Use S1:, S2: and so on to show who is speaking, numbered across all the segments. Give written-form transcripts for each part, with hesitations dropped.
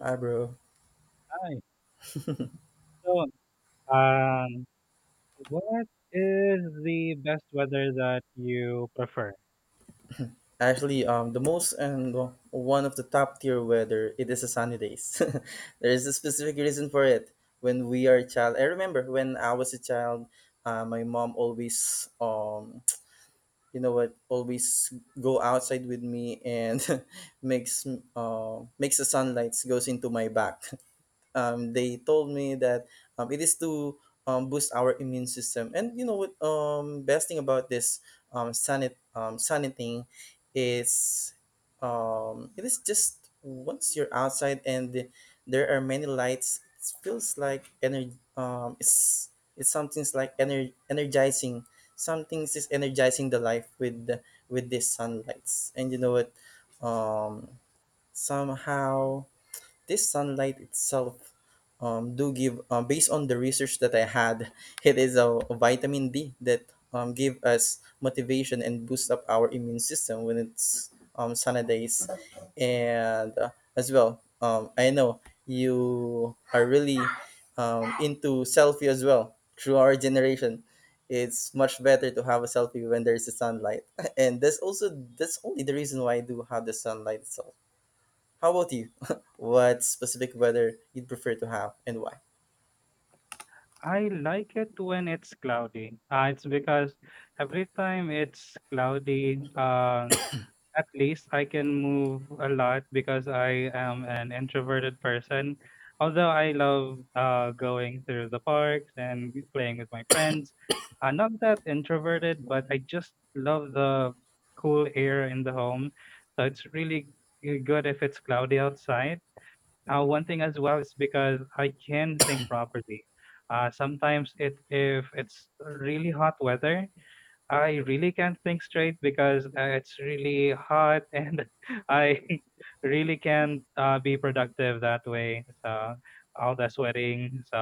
S1: Hi, bro.
S2: Hi. So, um, what is the best weather that you prefer?
S1: The most and one of the top tier weather it is the sunny days. There is a specific reason for it. When we are a child, I remember when I was a child, my mom always, you know what, always go outside with me and makes makes the sunlight goes into my back. They told me that it is to boost our immune system. And you know what? Best thing about this saniting is it is just once you're outside and there are many lights, it feels like energy. It's something's like energizing. Something's is energizing the life with these sunlights. And you know what? Um, Somehow this sunlight itself do give based on the research that I had it is a vitamin d that give us motivation and boost up our immune system when it's sunny days and as well I know you are really into selfie as well through our generation it's much better to have a selfie when there's a sunlight and that's only the reason why I do have the sunlight itself how about you? What specific weather you'd prefer to have and why?
S2: I like it when it's cloudy. It's because every time it's cloudy, at least I can move a lot because I am an introverted person. Although I love going through the parks and playing with my friends, I'm not that introverted, but I just love the cool air in the home. So it's really good if it's cloudy outside. One thing as well is because I can think properly. Sometimes it if it's really hot weather, I really can't think straight because it's really hot and I really can't be productive that way. So all the sweating, so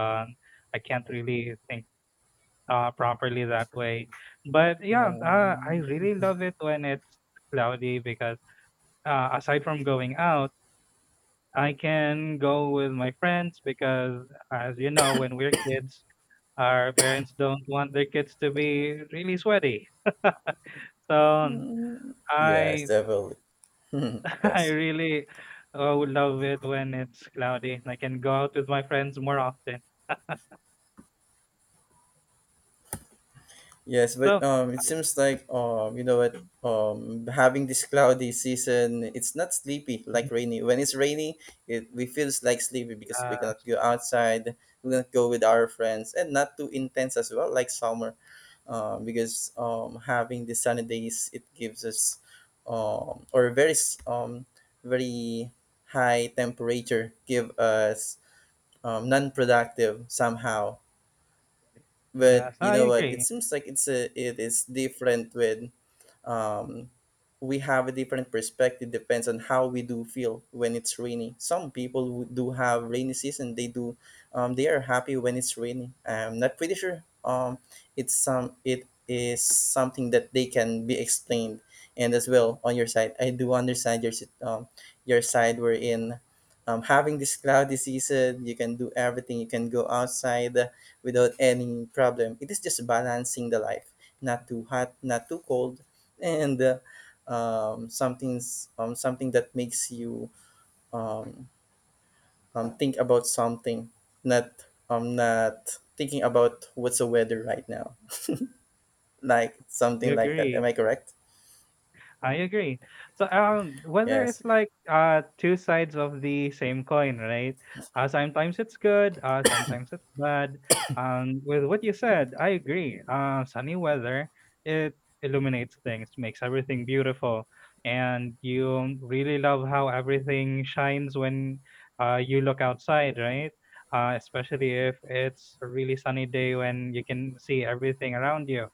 S2: I can't really think properly that way. But yeah, I
S1: Um,
S2: really love it when it's cloudy because aside from going out, I can go with my friends because, as you know, when we're kids, our parents don't want their kids to be really sweaty. So
S1: yes,
S2: I
S1: definitely.
S2: I
S1: Yes.
S2: really, oh, love it when it's cloudy and I can go out with my friends more often.
S1: Yes, but
S2: So,
S1: it seems like you know what having this cloudy season, it's not sleepy like rainy. When it's rainy, it we feels like sleepy because we cannot
S2: yes,
S1: go outside, we cannot go with our friends, and not too intense as well like summer. Because having the sunny days it gives us um, or very s- um, very high temperature give us non-productive somehow but
S2: yes,
S1: you
S2: I
S1: know what it
S2: agree.
S1: seems like it is different with um, we have a different perspective depends on how we do feel when it's rainy. Some people who do have rainy season they do they are happy when it's rainy. I'm not pretty sure it is something that they can be explained. And as well on your side I do understand your your side wherein having this cloudy season you can do everything, you can go outside without any problem. It is just balancing the life, not too hot, not too cold, and something that makes you um, think about something, not not thinking about what's the weather right now, like
S2: I
S1: something like that.
S2: agree.
S1: Am I correct?
S2: I agree. So weather
S1: Yes.
S2: is like two sides of the same coin, right? Sometimes it's good, sometimes it's bad. With what you said, I agree. Sunny weather it illuminates things, makes everything beautiful, and you really love how everything shines when you look outside, right? Especially if it's a really sunny day when you can see everything around you.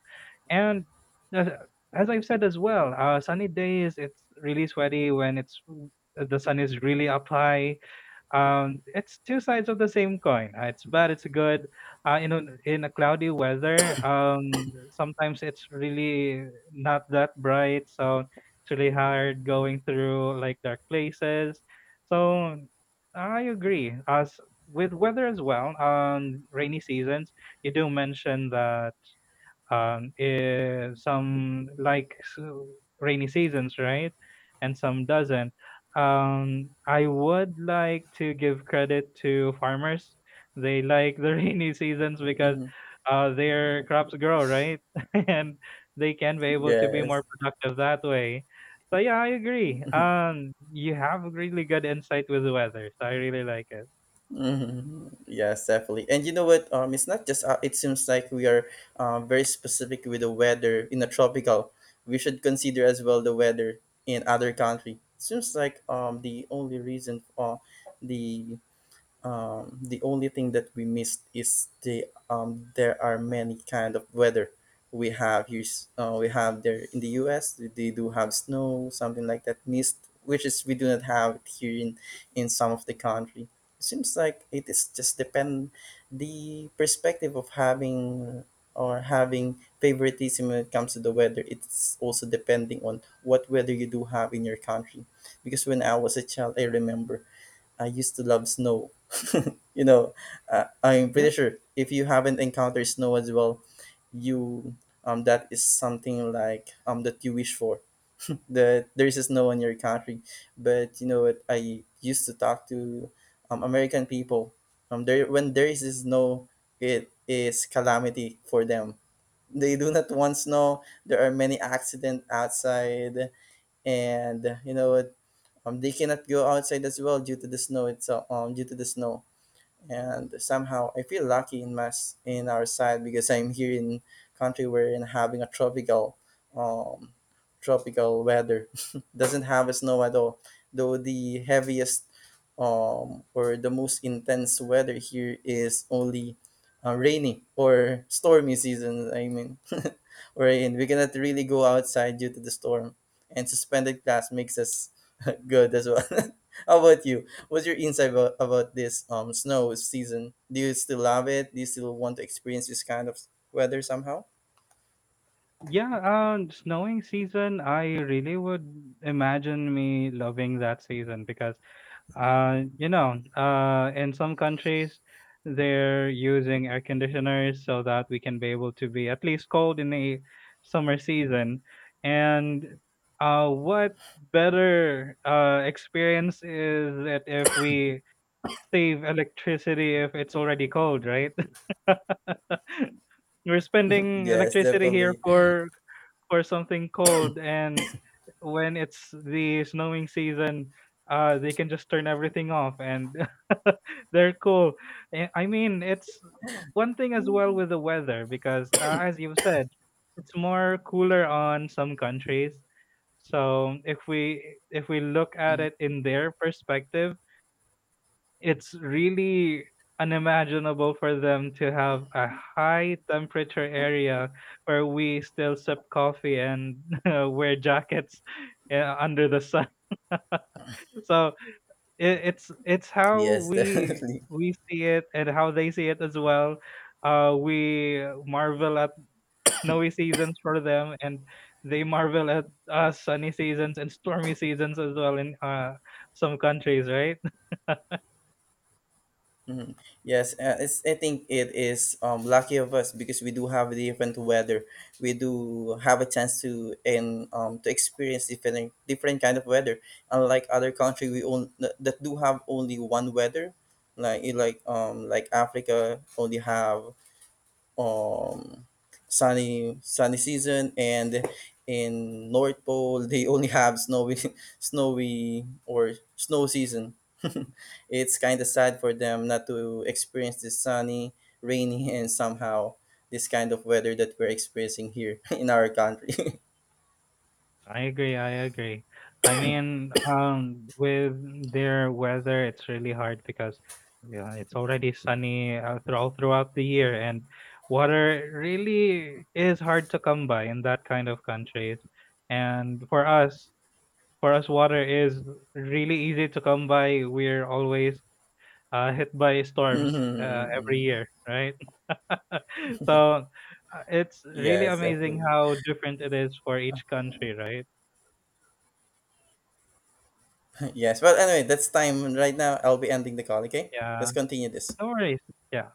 S2: And as as I've said as well, sunny days, it's really sweaty when it's the sun is really up high. It's two sides of the same coin. It's bad, it's good. You know, in a cloudy weather, sometimes it's really not that bright, so it's really hard going through like dark places. So I agree. As with weather as well, rainy seasons, you do mention that um, eh, some like s- rainy seasons, right? And some doesn't. I would like to give credit to farmers. They like the rainy seasons because
S1: Hmm.
S2: their crops grow, right? And they can be able to be
S1: Yes.
S2: more productive that way. So yeah, I agree. You have really good insight with the weather, so I really like it.
S1: Hmm. Yes, definitely. And you know what? It's not just. It seems like we are very specific with the weather in the tropical. We should consider as well the weather in other country. Seems like the only reason the the only thing that we missed is the there are many kind of weather we have here. We have there in the U.S. They do have snow, something like that, mist, which is we do not have it here in some of the country. It seems like it is just depend the perspective of having or having favoritism when it comes to the weather. It's also depending on what weather you do have in your country. Because when I was a child, I remember I used to love snow. You know, I'm pretty sure if you haven't encountered snow as well, you that is something like that you wish for. That there is snow in your country, but you know what? I used to talk to American people. There when there is snow, it is calamity for them. They do not want snow. There are many accidents outside, and you know what? They cannot go outside as well due to the snow itself. Due to the snow, and somehow I feel lucky in mass in our side because I'm here in country where in having a tropical, um, weather doesn't have a snow at all. Though the heaviest or the most intense weather here is only rainy or stormy season. I mean, we in. We cannot really go outside due to the storm, and suspended class makes us good as well. How about you? What's your insight about this snow season? Do you still love it? Do you still want to experience this kind of weather somehow?
S2: Yeah, snowing season, I really would imagine me loving that season because, you know, in some countries, they're using air conditioners so that we can be able to be at least cold in the summer season. And what better experience is it if we save electricity if it's already cold, right? We're spending
S1: Yes,
S2: electricity here
S1: definitely.
S2: for something cold, and when it's the snowing season, they can just turn everything off, and they're cool. Eh, I mean, it's one thing as well with the weather because, as you've said, it's more cooler on some countries. So if we look at it in their perspective, it's really unimaginable for them to have a high temperature area where we still sip coffee and wear jackets under the sun. So it's how
S1: Yes, definitely.
S2: we see it and how they see it as well. We marvel at snowy seasons for them, and they marvel at sunny seasons and stormy seasons as well in some countries, right?
S1: Mhm. Yes, I think it is lucky of us because we do have different weather. We do have a chance to and to experience different kind of weather. Unlike other country, we own that do have only one weather. Like it like Africa only have um sunny season, and in north pole they only have snowy snowy or snow season. It's kind of sad for them not to experience this sunny, rainy, and somehow this kind of weather that we're experiencing here in our country.
S2: I agree, I agree. I mean, with their weather, it's really hard because yeah, it's already sunny through, all throughout the year, and water really is hard to come by in that kind of countries. And for us, water is really easy to come by. We're always hit by storms every
S1: Mhm.
S2: year, right? So it's really
S1: Yes,
S2: amazing
S1: definitely.
S2: how different it is for each country, right?
S1: Yes, well anyway, that's time right now, I'll be ending the call. Okay,
S2: Yeah.
S1: let's continue this.
S2: No worries. Yeah.